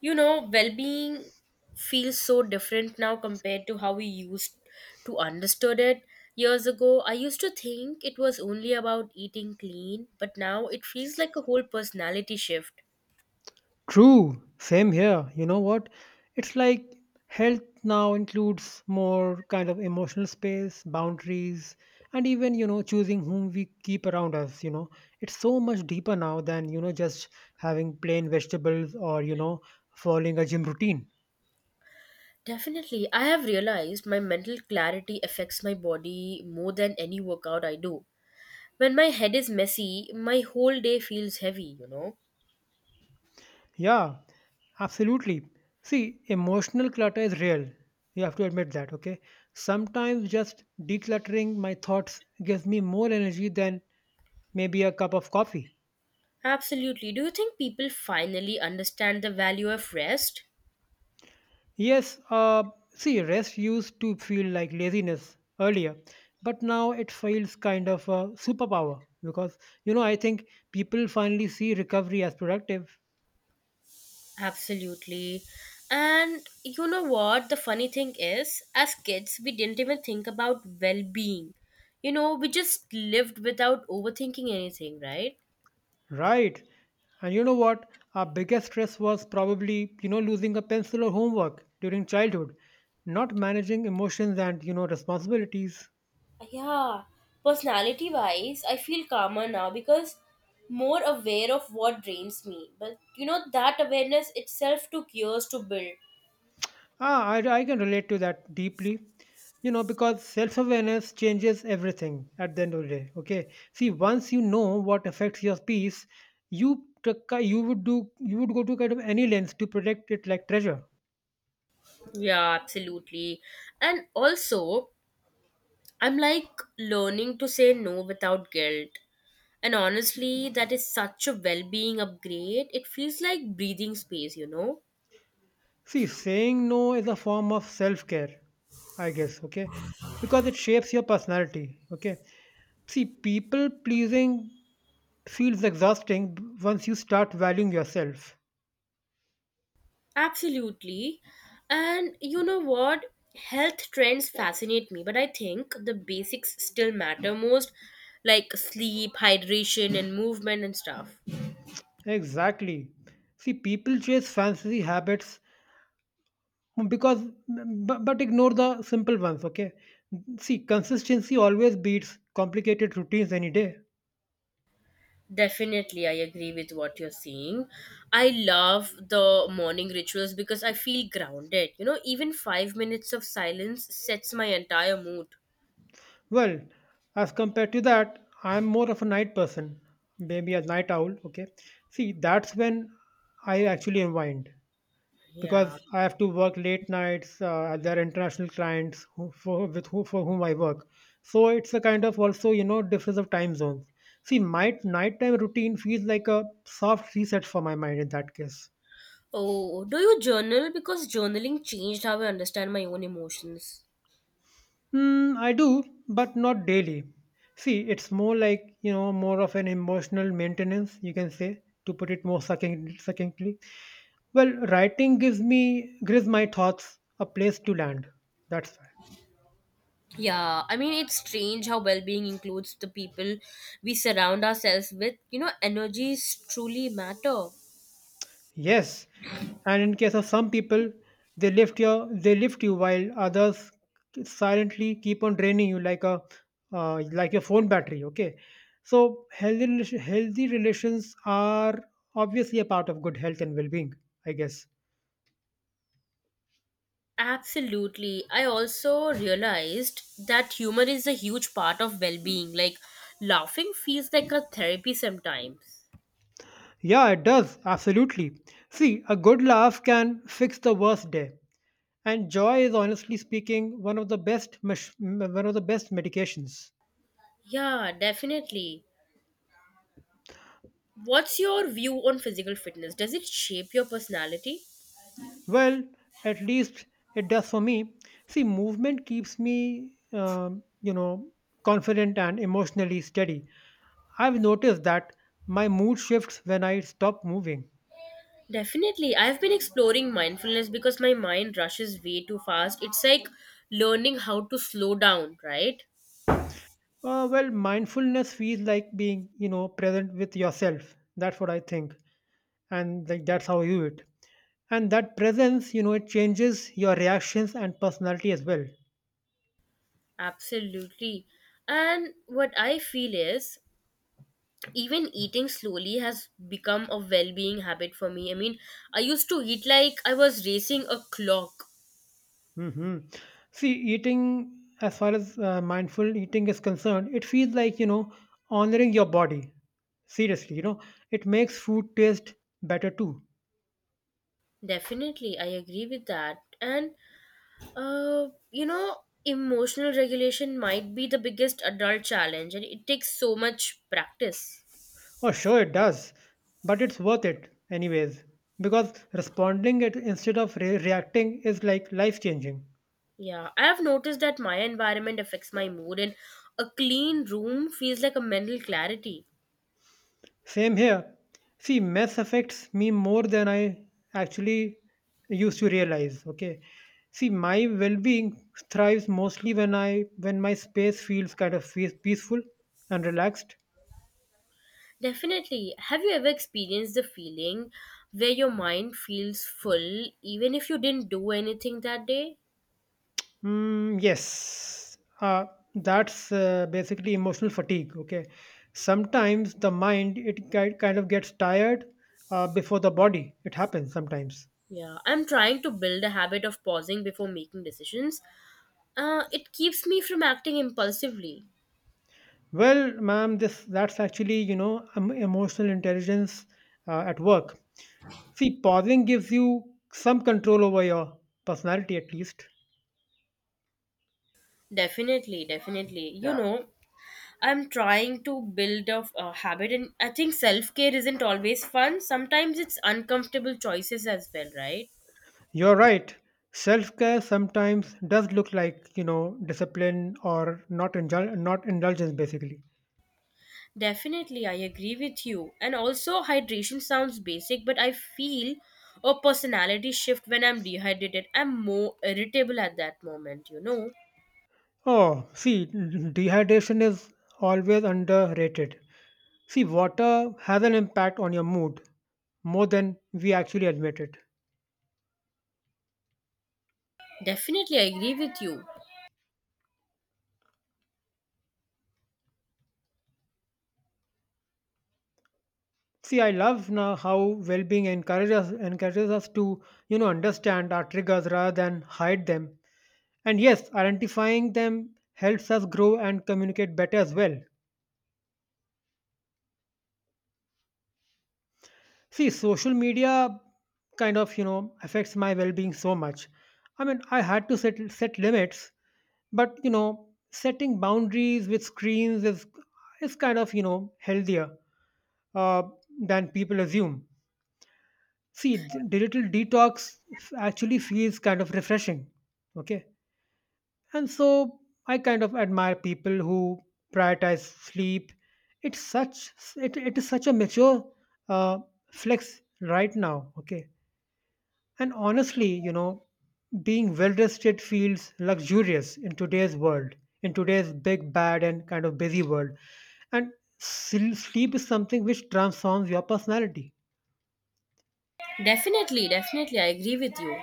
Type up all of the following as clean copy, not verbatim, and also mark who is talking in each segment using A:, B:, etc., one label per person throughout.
A: You know, well being feels so different now compared to how we used to understood it. Years ago, I used to think it was only about eating clean, but now it feels like a whole personality shift.
B: True, same here. You know what? It's like health now includes more kind of emotional space, boundaries, and even, choosing whom we keep around us. It's so much deeper now than, just having plain vegetables or, following a gym routine.
A: Definitely, I have realized my mental clarity affects my body more than any workout I do. When my head is messy, my whole day feels heavy, you know.
B: Yeah, absolutely. See, emotional clutter is real. You have to admit that, okay? Sometimes just decluttering my thoughts gives me more energy than maybe a cup of coffee.
A: Absolutely. Do you think people finally understand the value of rest?
B: Yes, see, rest used to feel like laziness earlier, but now it feels kind of a superpower because, you know, I think people finally see recovery as productive.
A: Absolutely. And you know what? The funny thing is, as kids, we didn't even think about well being. You know, we just lived without overthinking anything, right?
B: Right. And you know what? Our biggest stress was probably, losing a pencil or homework during childhood, not managing emotions and, responsibilities.
A: Yeah, personality wise, I feel calmer now because more aware of what drains me. But you know, that awareness itself took years to build.
B: Ah, I can relate to that deeply. You know, because self awareness changes everything at the end of the day. Okay. See, once you know what affects your peace, you t- you would do you would go to kind of any length to protect it like treasure.
A: Yeah, absolutely. And also, I'm like learning to say no without guilt. And honestly, that is such a well being upgrade. It feels like breathing space, you know?
B: See, saying no is a form of self care, I guess. Okay. Because it shapes your personality. Okay. See, people pleasing feels exhausting once you start valuing yourself.
A: Absolutely. And you know what? Health trends fascinate me, but I think the basics still matter most, like sleep, hydration, and movement and stuff.
B: Exactly. See, people chase fancy habits because but ignore the simple ones, okay? See, consistency always beats complicated routines any day.
A: Definitely, I agree with what you're saying. I love the morning rituals because I feel grounded. You know, even 5 minutes of silence sets my entire mood.
B: Well, as compared to that, I'm more of a night person, maybe a night owl, okay? See, that's when I actually unwind
A: Yeah.
B: because I have to work late nights. There are international clients who, with who, for whom I work, so it's a kind of also, you know, difference of time zones. See, my nighttime routine feels like a soft reset for my mind in that case.
A: Oh, do you journal? Because journaling changed how I understand my own emotions.
B: Mm, I do, but not daily. See, it's more like, you know, more of an emotional maintenance, you can say, to put it more succinctly. Well, writing gives me, gives my thoughts a place to land. That's why.
A: Yeah, I mean, it's strange how well being includes the people we surround ourselves with. You know, energies truly matter.
B: Yes, and in case of some people, they lift you while others silently keep on draining you like a like your phone battery. Okay, so healthy relations are obviously a part of good health and well being. I guess.
A: Absolutely. I also realized that humor is a huge part of well being. Like, laughing feels like a therapy sometimes.
B: Yeah, it does absolutely. See, a good laugh can fix the worst day, and joy is honestly speaking one of the best medications.
A: Yeah, definitely. What's your view on physical fitness? Does it shape your personality?
B: Well, at least it does for me. See, movement keeps me, you know, confident and emotionally steady. I've noticed that my mood shifts when I stop moving.
A: Definitely. I've been exploring mindfulness because my mind rushes way too fast. It's like learning how to slow down, right?
B: Well, mindfulness feels like being, you know, present with yourself. That's what I think, and like that's how I view it. And that presence, you know, it changes your reactions and personality as well.
A: Absolutely. And what I feel is even eating slowly has become a well being habit for me. I mean, I used to eat like I was racing a clock.
B: Hmm. See, eating, as far as mindful eating is concerned, it feels like, you know, honoring your body. Seriously, you know, it makes food taste better too.
A: Definitely, I agree with that. And, you know, emotional regulation might be the biggest adult challenge, and it takes so much practice.
B: Oh, sure, it does. But it's worth it, anyways. Because responding it instead of reacting is like life changing.
A: Yeah, I have noticed that my environment affects my mood, and a clean room feels like a mental clarity.
B: Same here. See, mess affects me more than I actually used to realize. Okay. See, my well-being thrives mostly when I when my space feels kind of peaceful and relaxed.
A: Definitely. Have you ever experienced the feeling where your mind feels full even if you didn't do anything that day?
B: Mm, yes, that's basically emotional fatigue. Okay, sometimes the mind it kind of gets tired before the body. It happens sometimes.
A: Yeah, I'm trying to build a habit of pausing before making decisions. It keeps me from acting impulsively.
B: Well, ma'am, this that's actually, you know, emotional intelligence at work. See, pausing gives you some control over your personality at least.
A: Definitely, definitely. You Yeah, know, I'm trying to build a habit, and I think self care isn't always fun. Sometimes it's uncomfortable choices as well, right?
B: You're right. Self care sometimes does look like, you know, discipline or not indulgence basically.
A: Definitely, I agree with you. And also, hydration sounds basic, but I feel a personality shift when I'm dehydrated. I'm more irritable at that moment, you know?
B: Oh, see, dehydration is always underrated. See, water has an impact on your mood more than we actually admit it.
A: Definitely, I agree with you.
B: See, I love now how well-being encourages us to, you know, understand our triggers rather than hide them. And yes, identifying them helps us grow and communicate better as well. See, social media kind of, you know, affects my well-being so much. I mean, I had to set limits, but you know, setting boundaries with screens is kind of, you know, healthier uh, than people assume. See, digital detox actually feels kind of refreshing. Okay. And so I kind of admire people who prioritize sleep. It's such it is such a mature uh, flex right now. Okay. And honestly, you know, being well rested feels luxurious in today's world, in today's big, bad, and kind of busy world. And sleep is something which transforms your personality.
A: Definitely, definitely, I agree with you.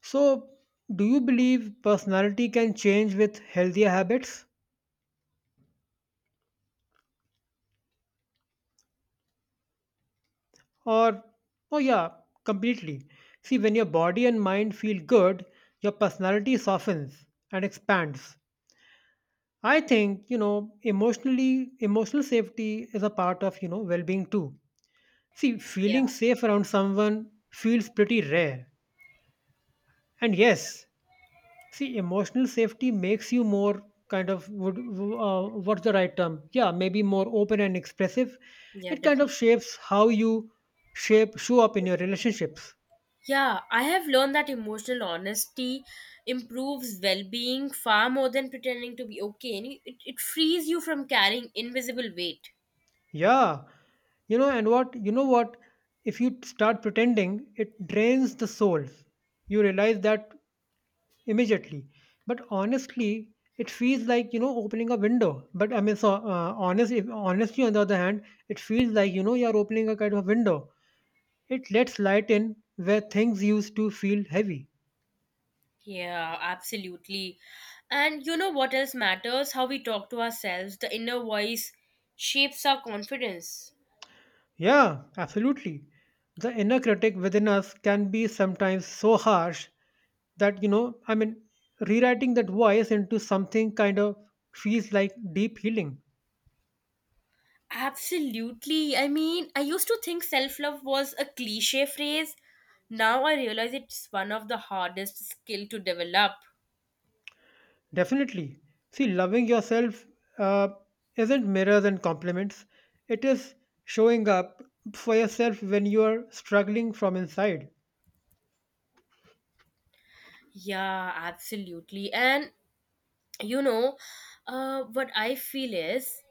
B: So, do you believe personality can change with healthier habits? Or, oh yeah, completely. See, when your body and mind feel good, your personality softens and expands. I think, you know, emotional safety is a part of, you know, well being too. See,
A: Yeah,
B: feeling safe around someone feels pretty rare. And yes, see, emotional safety makes you more kind of would what's the right term? Yeah, maybe more open and expressive.
A: yeah,
B: It kind of
A: definitely.
B: shapes how you shape show up in your relationships.
A: Yeah, I have learned that emotional honesty improves well being far more than pretending to be okay. And it frees you from carrying invisible weight.
B: Yeah, you know, and what you know what? If you start pretending, it drains the soul. You realize that immediately. But honestly, it feels like, you know, opening a window. But I mean, so honest, if, honestly, on the other hand, it feels like, you know, you are opening a kind of window. It lets light in where things used to feel heavy.
A: Yeah, absolutely. And you know what else matters? How we talk to ourselves. The inner voice shapes our confidence.
B: Yeah, absolutely. The inner critic within us can be sometimes so harsh that, you know, I mean, rewriting that voice into something kind of feels like deep healing.
A: Absolutely. I mean, I used to think self love was a cliche phrase. Now I realize it's one of the hardest skill to develop.
B: Definitely. See, loving yourself uh, isn't mirrors and compliments, it is showing up for yourself when you are struggling from inside.
A: Yeah, absolutely. And you know what I feel is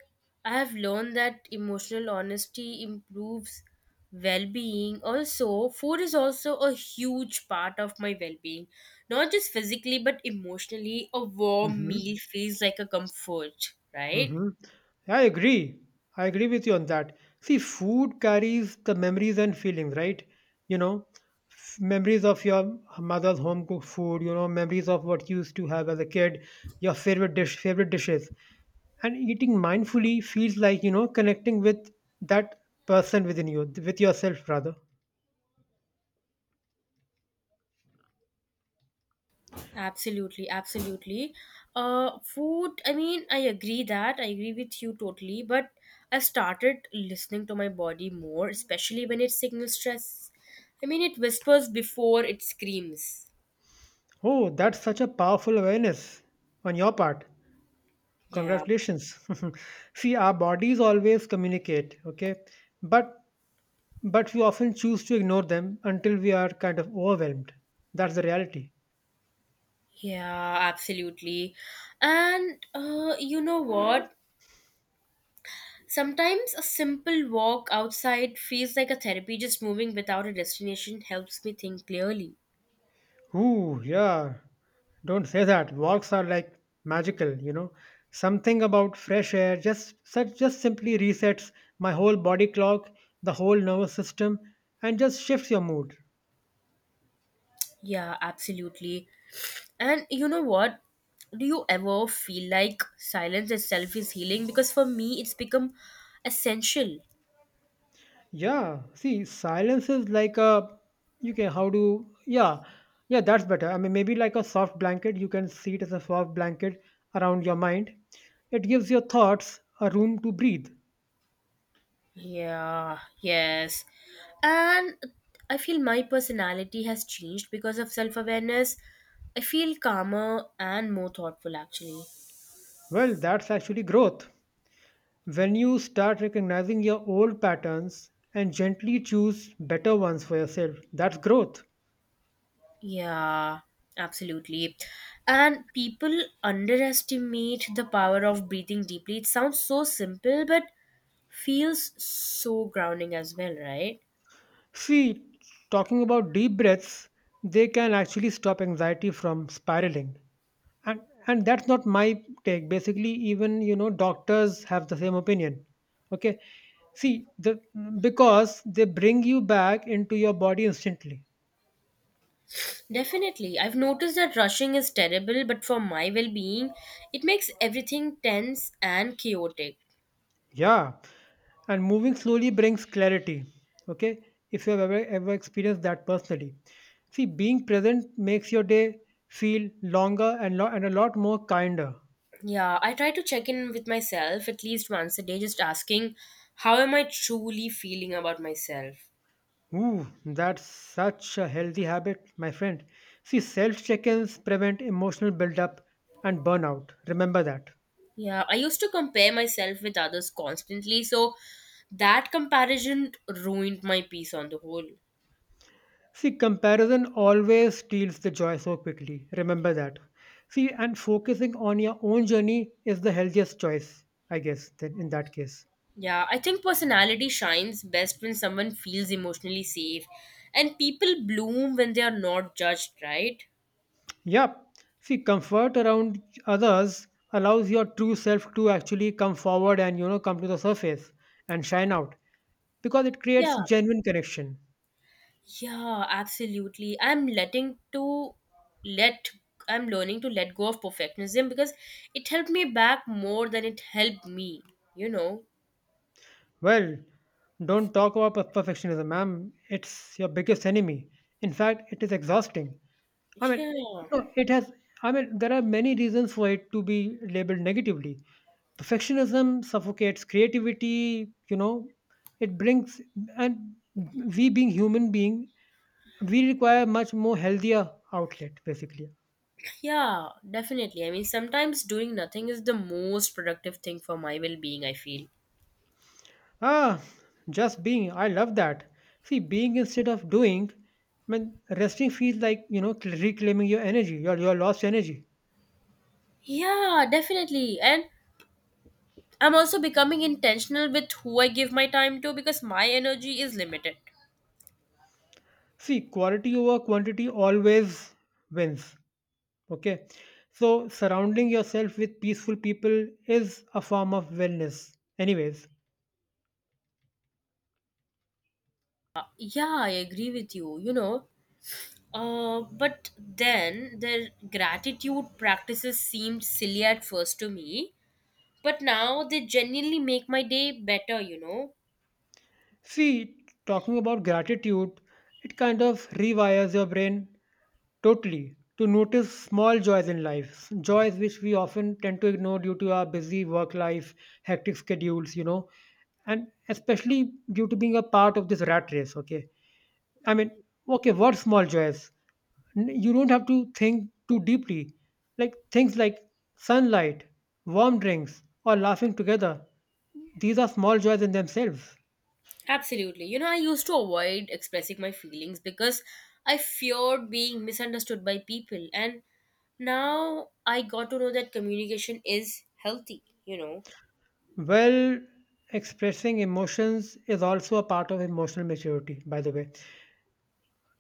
A: I have learned that emotional honesty improves well-being. Also, food is also a huge part of my well-being, not just physically but emotionally. A warm
B: Mhm.
A: meal feels like a comfort, right?
B: Mhm. I agree. I agree with you on that. See, food carries the memories and feelings, right? You know, memories of your mother's home cooked food, you know, memories of what you used to have as a kid, your favorite dish, favorite dishes. And eating mindfully feels like, you know, connecting with that person within you, with yourself rather.
A: Absolutely, absolutely. Food, I mean, I agree with you totally, but I've started listening to my body more, especially when it signals stress. I mean, it whispers before it screams.
B: Oh, that's such a powerful awareness on your part.
A: Yeah,
B: Congratulations. See, our bodies always communicate, okay? But But we often choose to ignore them until we are kind of overwhelmed. That's the reality.
A: yeah, absolutely. And you know what? Sometimes a simple walk outside feels like a therapy. Just moving without a destination helps me think clearly.
B: Ooh, yeah. Don't say that. Walks are like magical, you know. Something about fresh air just simply resets my whole body clock, the whole nervous system, and just shifts your mood.
A: Yeah, absolutely. And you know what? Do you ever feel like silence itself is healing? Because for me, it's become essential.
B: Yeah, see, silence is like a you can how do yeah yeah that's better. I mean maybe like a soft blanket. You can see it as a soft blanket around your mind. It gives your thoughts a room to breathe.
A: Yeah, yes. And I feel my personality has changed because of self awareness. I feel calmer and more thoughtful actually.
B: Well, that's actually growth. When you start recognizing your old patterns and gently choose better ones for yourself, that's growth.
A: Yeah, absolutely. And people underestimate the power of breathing deeply. It sounds so simple, but feels so grounding as well, right?
B: See, talking about deep breaths, they can actually stop anxiety from spiraling. and and that's not my take basically, even you know doctors have the same opinion, okay? see the Because they bring you back into your body instantly.
A: Definitely. I've noticed that rushing is terrible, but for my well being, it makes everything tense and chaotic.
B: Yeah, and moving slowly brings clarity, okay? If you have ever experienced that personally, see, being present makes your day feel and a lot more kinder.
A: Yeah, I try to check in with myself at least once a day, just asking, how am I truly feeling about myself?
B: Ooh, that's such a healthy habit, my friend. See, self check ins prevent emotional buildup and burnout. Remember that.
A: Yeah, I used to compare myself with others constantly, so that comparison ruined my peace on the whole.
B: See, comparison always steals the joy so quickly. Remember that. See, and focusing on your own journey is the healthiest choice, I guess, then in that case.
A: Yeah, I think personality shines best when someone feels emotionally safe, and people bloom when they are not judged, right?
B: Yep. See, comfort around others allows your true self to actually come forward and, you know, come to the surface and shine out because it creates
A: Yeah,
B: genuine connection.
A: yeah, absolutely. Let I'm learning to let go of perfectionism because it helped me back more than it helped me, you know.
B: Well, don't talk about perfectionism, ma'am. It's your biggest enemy. In fact, it is exhausting. I mean,
A: Yeah.
B: you know, it has. I mean, there are many reasons for it to be labeled negatively. Perfectionism suffocates creativity. You know, it brings, and we being human being, we require much more healthier outlet basically.
A: Yeah, definitely. I mean, sometimes doing nothing is the most productive thing for my well being, I feel.
B: Ah, just being. I love that. See, being instead of doing, when resting feels like, you know, reclaiming your energy, your lost energy.
A: Yeah, definitely. And I'm also becoming intentional with who I give my time to because my energy is limited.
B: See, quality over quantity always wins. Okay. So, surrounding yourself with peaceful people is a form of wellness, anyways.
A: Yeah, I agree with you, you know. But then their gratitude practices seemed silly at first to me, but now they genuinely make my day better, you know.
B: See, talking about gratitude, it kind of rewires your brain totally to notice small joys in life, joys which we often tend to ignore due to our busy work life, hectic schedules, you know, and especially due to being a part of this rat race, okay? I mean, okay, what small joys? You don't have to think too deeply. Like things like sunlight, warm drinks, or laughing together, these are small joys in themselves.
A: Absolutely. You know, I used to avoid expressing my feelings because I feared being misunderstood by people. And now I got to know that communication is healthy, you know.
B: Well, expressing emotions is also a part of emotional maturity, by the way,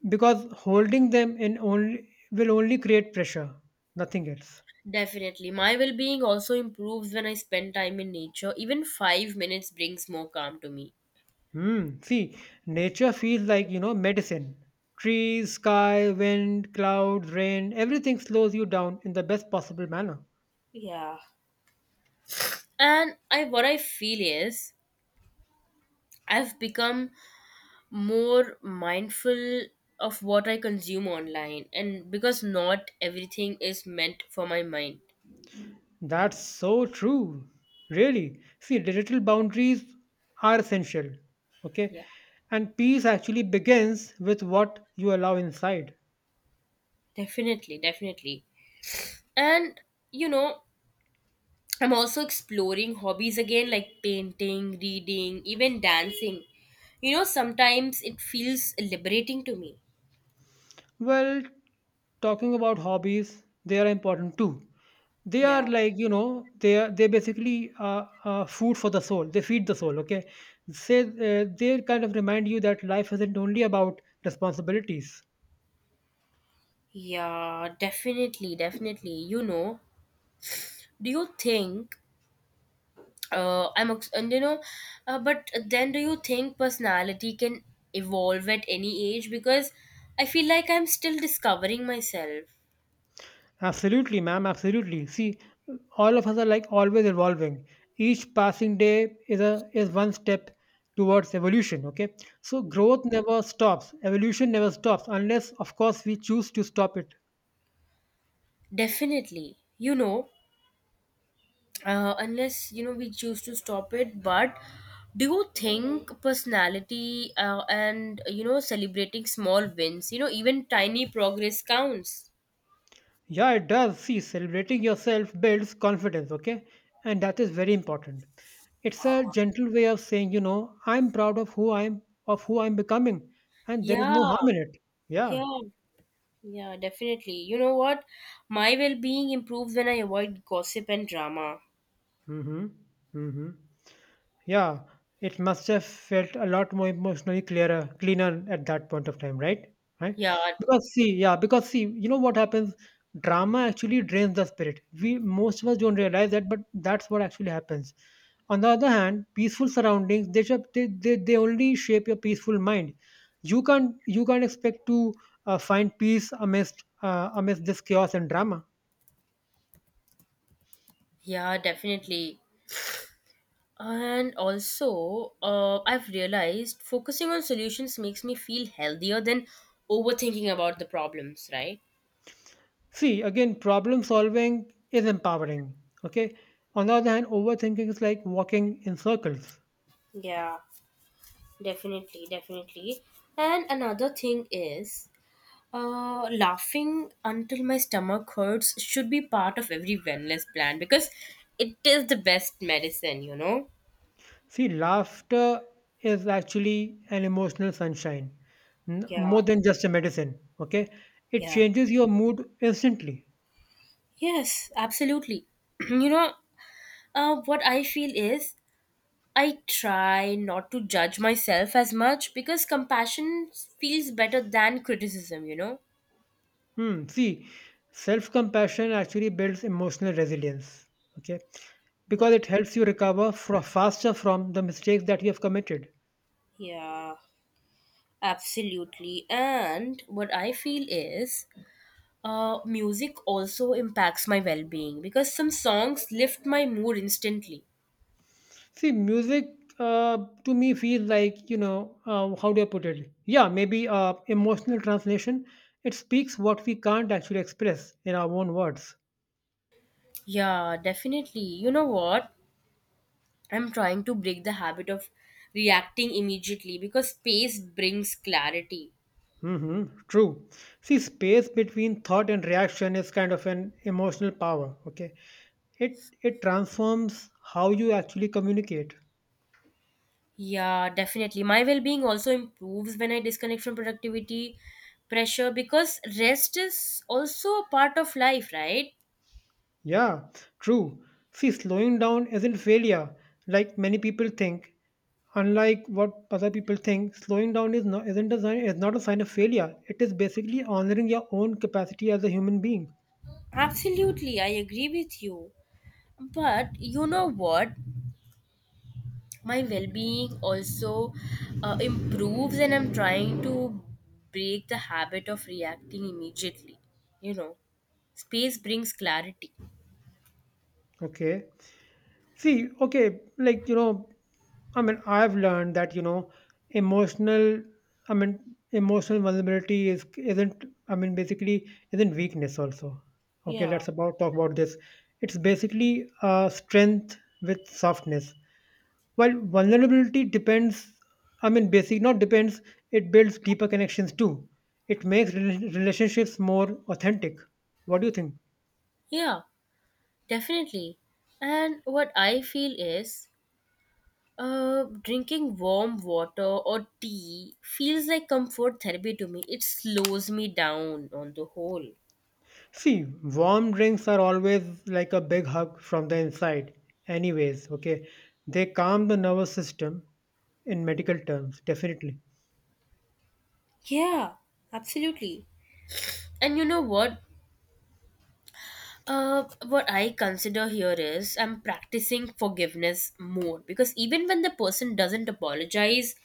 B: because holding them in only will only create pressure, nothing else.
A: Definitely. My well being also improves when I spend time in nature. Even 5 minutes brings more calm to me.
B: Hmm. See, nature feels like medicine. Trees, sky, wind, clouds, rain, everything slows you down in the best possible manner.
A: Yeah. And I what I feel is I've become more mindful of what I consume online, and because not everything is meant for my mind.
B: That's so true. Really. See, digital boundaries are essential. Okay.
A: Yeah.
B: And peace actually begins with what you allow inside.
A: Definitely, definitely. And you know, I'm also exploring hobbies again like painting, reading, even dancing. You know, sometimes it feels liberating to me.
B: Well, talking about hobbies, they are important too. They are
A: Yeah.
B: like you know they are they basically are food for the soul. They feed the soul. Okay, say they kind of remind you that life isn't only about responsibilities.
A: Yeah, definitely, definitely. You know, do you think I'm ex- and you know, but then do you think personality can evolve at any age? Because I feel like I'm still discovering myself.
B: Absolutely, ma'am. Absolutely. See, all of us are like always evolving. Each passing day is one step towards evolution. Okay, so growth never stops. Evolution never stops unless, of course, we choose to stop it.
A: Definitely. You know, unless you know we choose to stop it, but do you think personality and you know, celebrating small wins, you know, even tiny progress counts.
B: Yeah, it does. See, celebrating yourself builds confidence, okay? And that is very important. It's a gentle way of saying, you know, I'm proud of who I'm becoming, and there is no
A: Yeah,
B: harm in it. Yeah.
A: yeah, yeah, definitely. You know what? My well-being improves when I avoid gossip and drama.
B: Mm-hmm. Mm-hmm. Yeah, it must have felt a lot more emotionally clearer, cleaner at that point of time, right? Right?
A: Yeah,
B: Because see, yeah, because see, you know what happens? Drama actually drains the spirit. We most of us don't realize that, but that's what actually happens. On the other hand, peaceful surroundings they only shape your peaceful mind. You can't expect to find peace amidst this chaos and drama.
A: yeah, definitely. And also, I've realized focusing on solutions makes me feel healthier than overthinking about the problems, right?
B: See, again, problem solving is empowering. Okay. On the other hand, overthinking is like walking in circles.
A: Yeah. Definitely, definitely. And another thing is, laughing until my stomach hurts should be part of every wellness plan because it is the best medicine, you know?
B: See, laughter is actually an emotional sunshine, more
A: Yeah,
B: than just a medicine. Okay. It
A: yeah.
B: changes your mood instantly.
A: Yes, absolutely. You know, what I feel is I try not to judge myself as much because compassion feels better than criticism, you know?
B: Hmm. See, self compassion actually builds emotional resilience. Okay. Because it helps you recover faster from the mistakes that you have committed.
A: Yeah, absolutely. And what I feel is music also impacts my well being because some songs lift my mood instantly.
B: See, music to me feels like, you know, how do I put it? Yeah, maybe emotional translation. It speaks what we can't actually express in our own words.
A: Yeah, definitely. You know what? I'm trying to break the habit of reacting immediately because space brings clarity.
B: Hmm. True. See, space between thought and reaction is kind of an emotional power. Okay, it transforms how you actually communicate.
A: Yeah, definitely. My well being also improves when I disconnect from productivity pressure because rest is also a part of life, right?
B: Yeah, true. See, slowing down isn't failure like many people think. Unlike what other people think, slowing down is not a sign of failure. It is basically honoring your own capacity as a human being.
A: Absolutely, I agree with you. But you know what? My well-being also improves, and I'm trying to break the habit of reacting immediately. You know, space brings clarity.
B: Okay. See, okay, like, you know, I mean, I've learned that, you know, emotional, emotional vulnerability is isn't, I mean, basically isn't weakness also. Okay,
A: Yeah.
B: let's about talk about this. It's basically strength with softness. While vulnerability depends, I mean, basic not depends, It builds deeper connections too. It makes relationships more authentic. What do you think?
A: Yeah, definitely. And what I feel is, drinking warm water or tea feels like comfort therapy to me. It slows me down on the whole.
B: See, warm drinks are always like a big hug from the inside, anyways, okay? They calm the nervous system in medical terms, definitely.
A: Yeah, absolutely. And you know what? What I consider here is I'm practicing forgiveness more because even when the person doesn't apologize,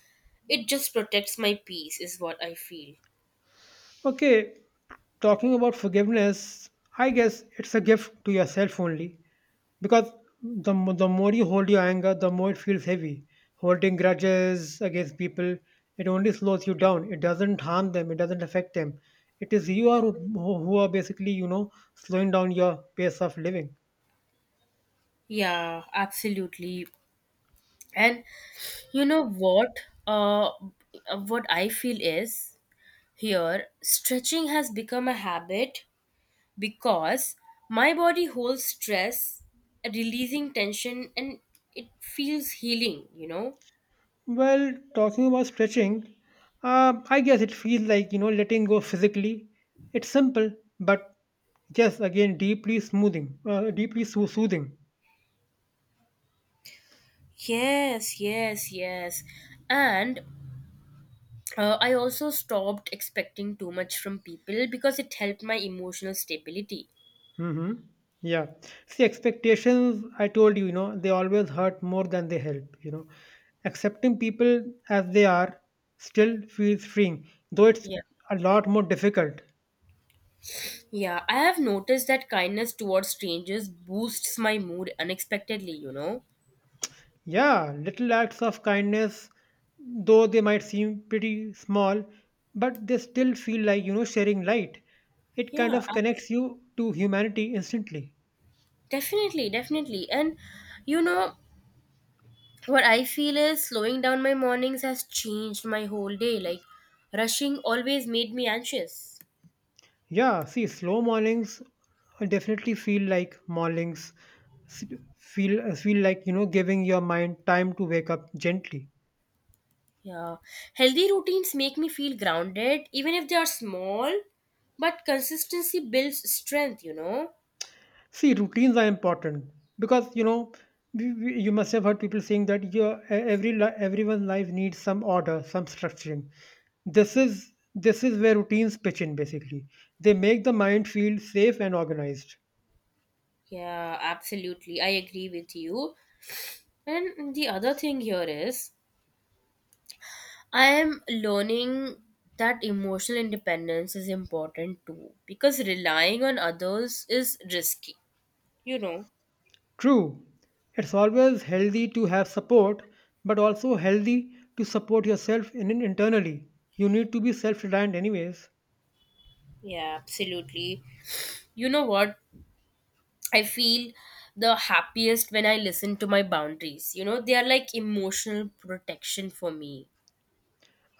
A: it just protects my peace, is what I feel.
B: Okay, talking about forgiveness, I guess it's a gift to yourself only because the more you hold your anger, the more it feels heavy. Holding grudges against people, it only slows you down. It doesn't harm them, it doesn't affect them. It is you are who are basically, you know, slowing down your pace of living.
A: Yeah, absolutely. And you know what? Uh, what I feel is here stretching has become a habit because my body holds stress, releasing tension, and it feels healing, you know.
B: Well, talking about stretching, I guess it feels like, you know, letting go physically. It's simple, but yes, again, deeply soothing.
A: Yes, yes, yes. And I also stopped expecting too much from people because it helped my emotional stability.
B: Hmm. Yeah. See, expectations, I told you, you know, they always hurt more than they help, you know. Accepting people as they are still feels freeing, though it's
A: Yeah.
B: a lot more difficult.
A: Yeah, I have noticed that kindness towards strangers boosts my mood unexpectedly, you know?
B: Yeah, little acts of kindness, though they might seem pretty small, but they still feel like, you know, sharing light. It kind
A: Yeah.
B: of connects you to humanity instantly.
A: Definitely, definitely. And you know, what I feel is slowing down my mornings has changed my whole day. Like, rushing always made me anxious.
B: Yeah, see, slow mornings definitely s- feel like, you know, giving your mind time to wake up gently.
A: Yeah, healthy routines make me feel grounded, even if they are small. But consistency builds strength, you know?
B: See, routines are important because you know you must have heard people saying that your e- every li- everyone's life needs some order, some structuring. This is where routines pitch in. Basically, they make the mind feel safe and organized.
A: Yeah, absolutely. I agree with you. And the other thing here is, I am learning that emotional independence is important too, because relying on others is risky, you know?
B: True, it's always healthy to have support, but also healthy to support yourself internally. You need to be self-reliant, anyways.
A: Yeah, absolutely. You know what? I feel the happiest when I listen to my boundaries. You know, they are like emotional protection for me.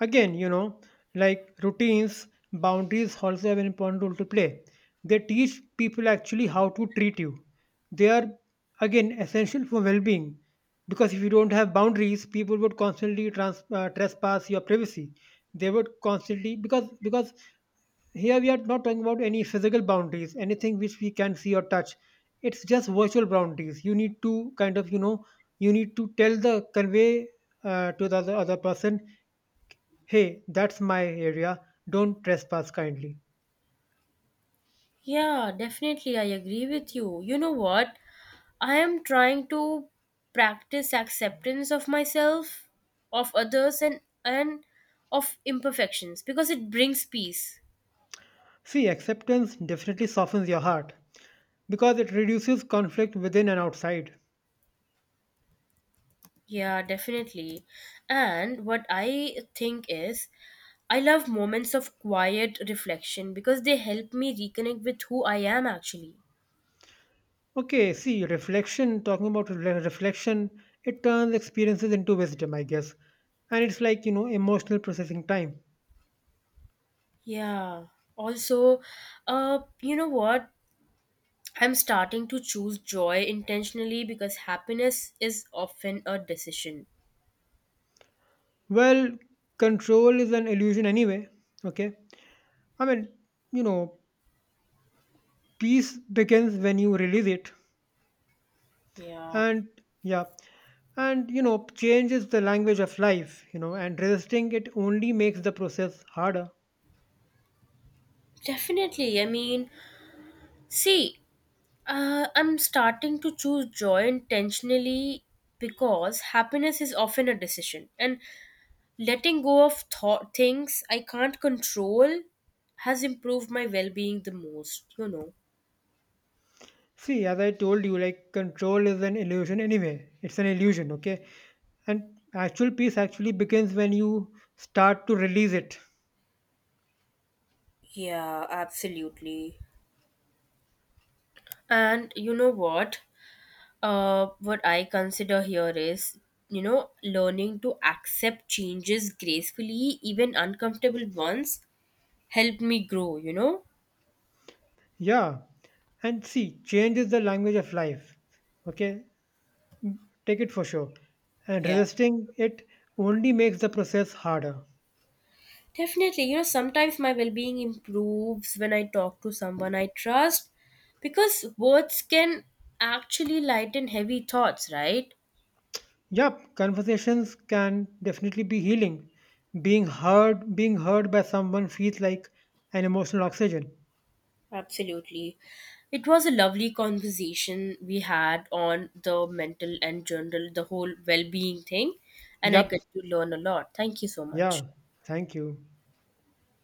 B: Again, you know, like routines, boundaries also have an important role to play. They teach people actually how to treat you. They are, again, essential for well being because if you don't have boundaries, people would constantly trespass your privacy. They would constantly, because here we are not talking about any physical boundaries, anything which we can see or touch. It's just virtual boundaries. You need to kind of, you know, you need to tell the, convey to the other person, hey, that's my area, don't trespass kindly.
A: Yeah, definitely. I agree with you. You know what? I am trying to practice acceptance of myself, of others, and of imperfections because it brings peace.
B: See, acceptance definitely softens your heart because it reduces conflict within and outside.
A: Yeah, definitely. And what I think is, I love moments of quiet reflection because they help me reconnect with who I am actually.
B: Okay, see, reflection, talking about re- reflection, it turns experiences into wisdom, I guess. And it's like, you know, emotional processing time.
A: Yeah. Also, you know what? I'm starting to choose joy intentionally because happiness is often a decision.
B: Well, control is an illusion anyway, okay? I mean, you know, peace begins when you release it.
A: Yeah.
B: And yeah, and you know, change is the language of life, you know, and resisting it only makes the process harder.
A: Definitely. I mean, see, I'm starting to choose joy intentionally because happiness is often a decision. And letting go of thought things I can't control has improved my well being the most, you know.
B: See, as I told you, like control is an illusion anyway. It's an illusion, okay? And actual peace actually begins when you start to release it.
A: Yeah, absolutely. And you know what? What I consider here is, you know, learning to accept changes gracefully, even uncomfortable ones, helped me grow, you know?
B: Yeah. And see, change is the language of life. Okay? Take it for sure. And
A: Yeah.
B: resisting it only makes the process harder.
A: Definitely, you know, sometimes my well being improves when I talk to someone I trust because words can actually lighten heavy thoughts, right?
B: Yep, conversations can definitely be healing. Being heard by someone feels like an emotional oxygen.
A: Absolutely. It was a lovely conversation we had on the mental and general, the whole well being thing. And I
B: Yep.
A: get to learn a lot. Thank you so much.
B: Yeah. Thank you.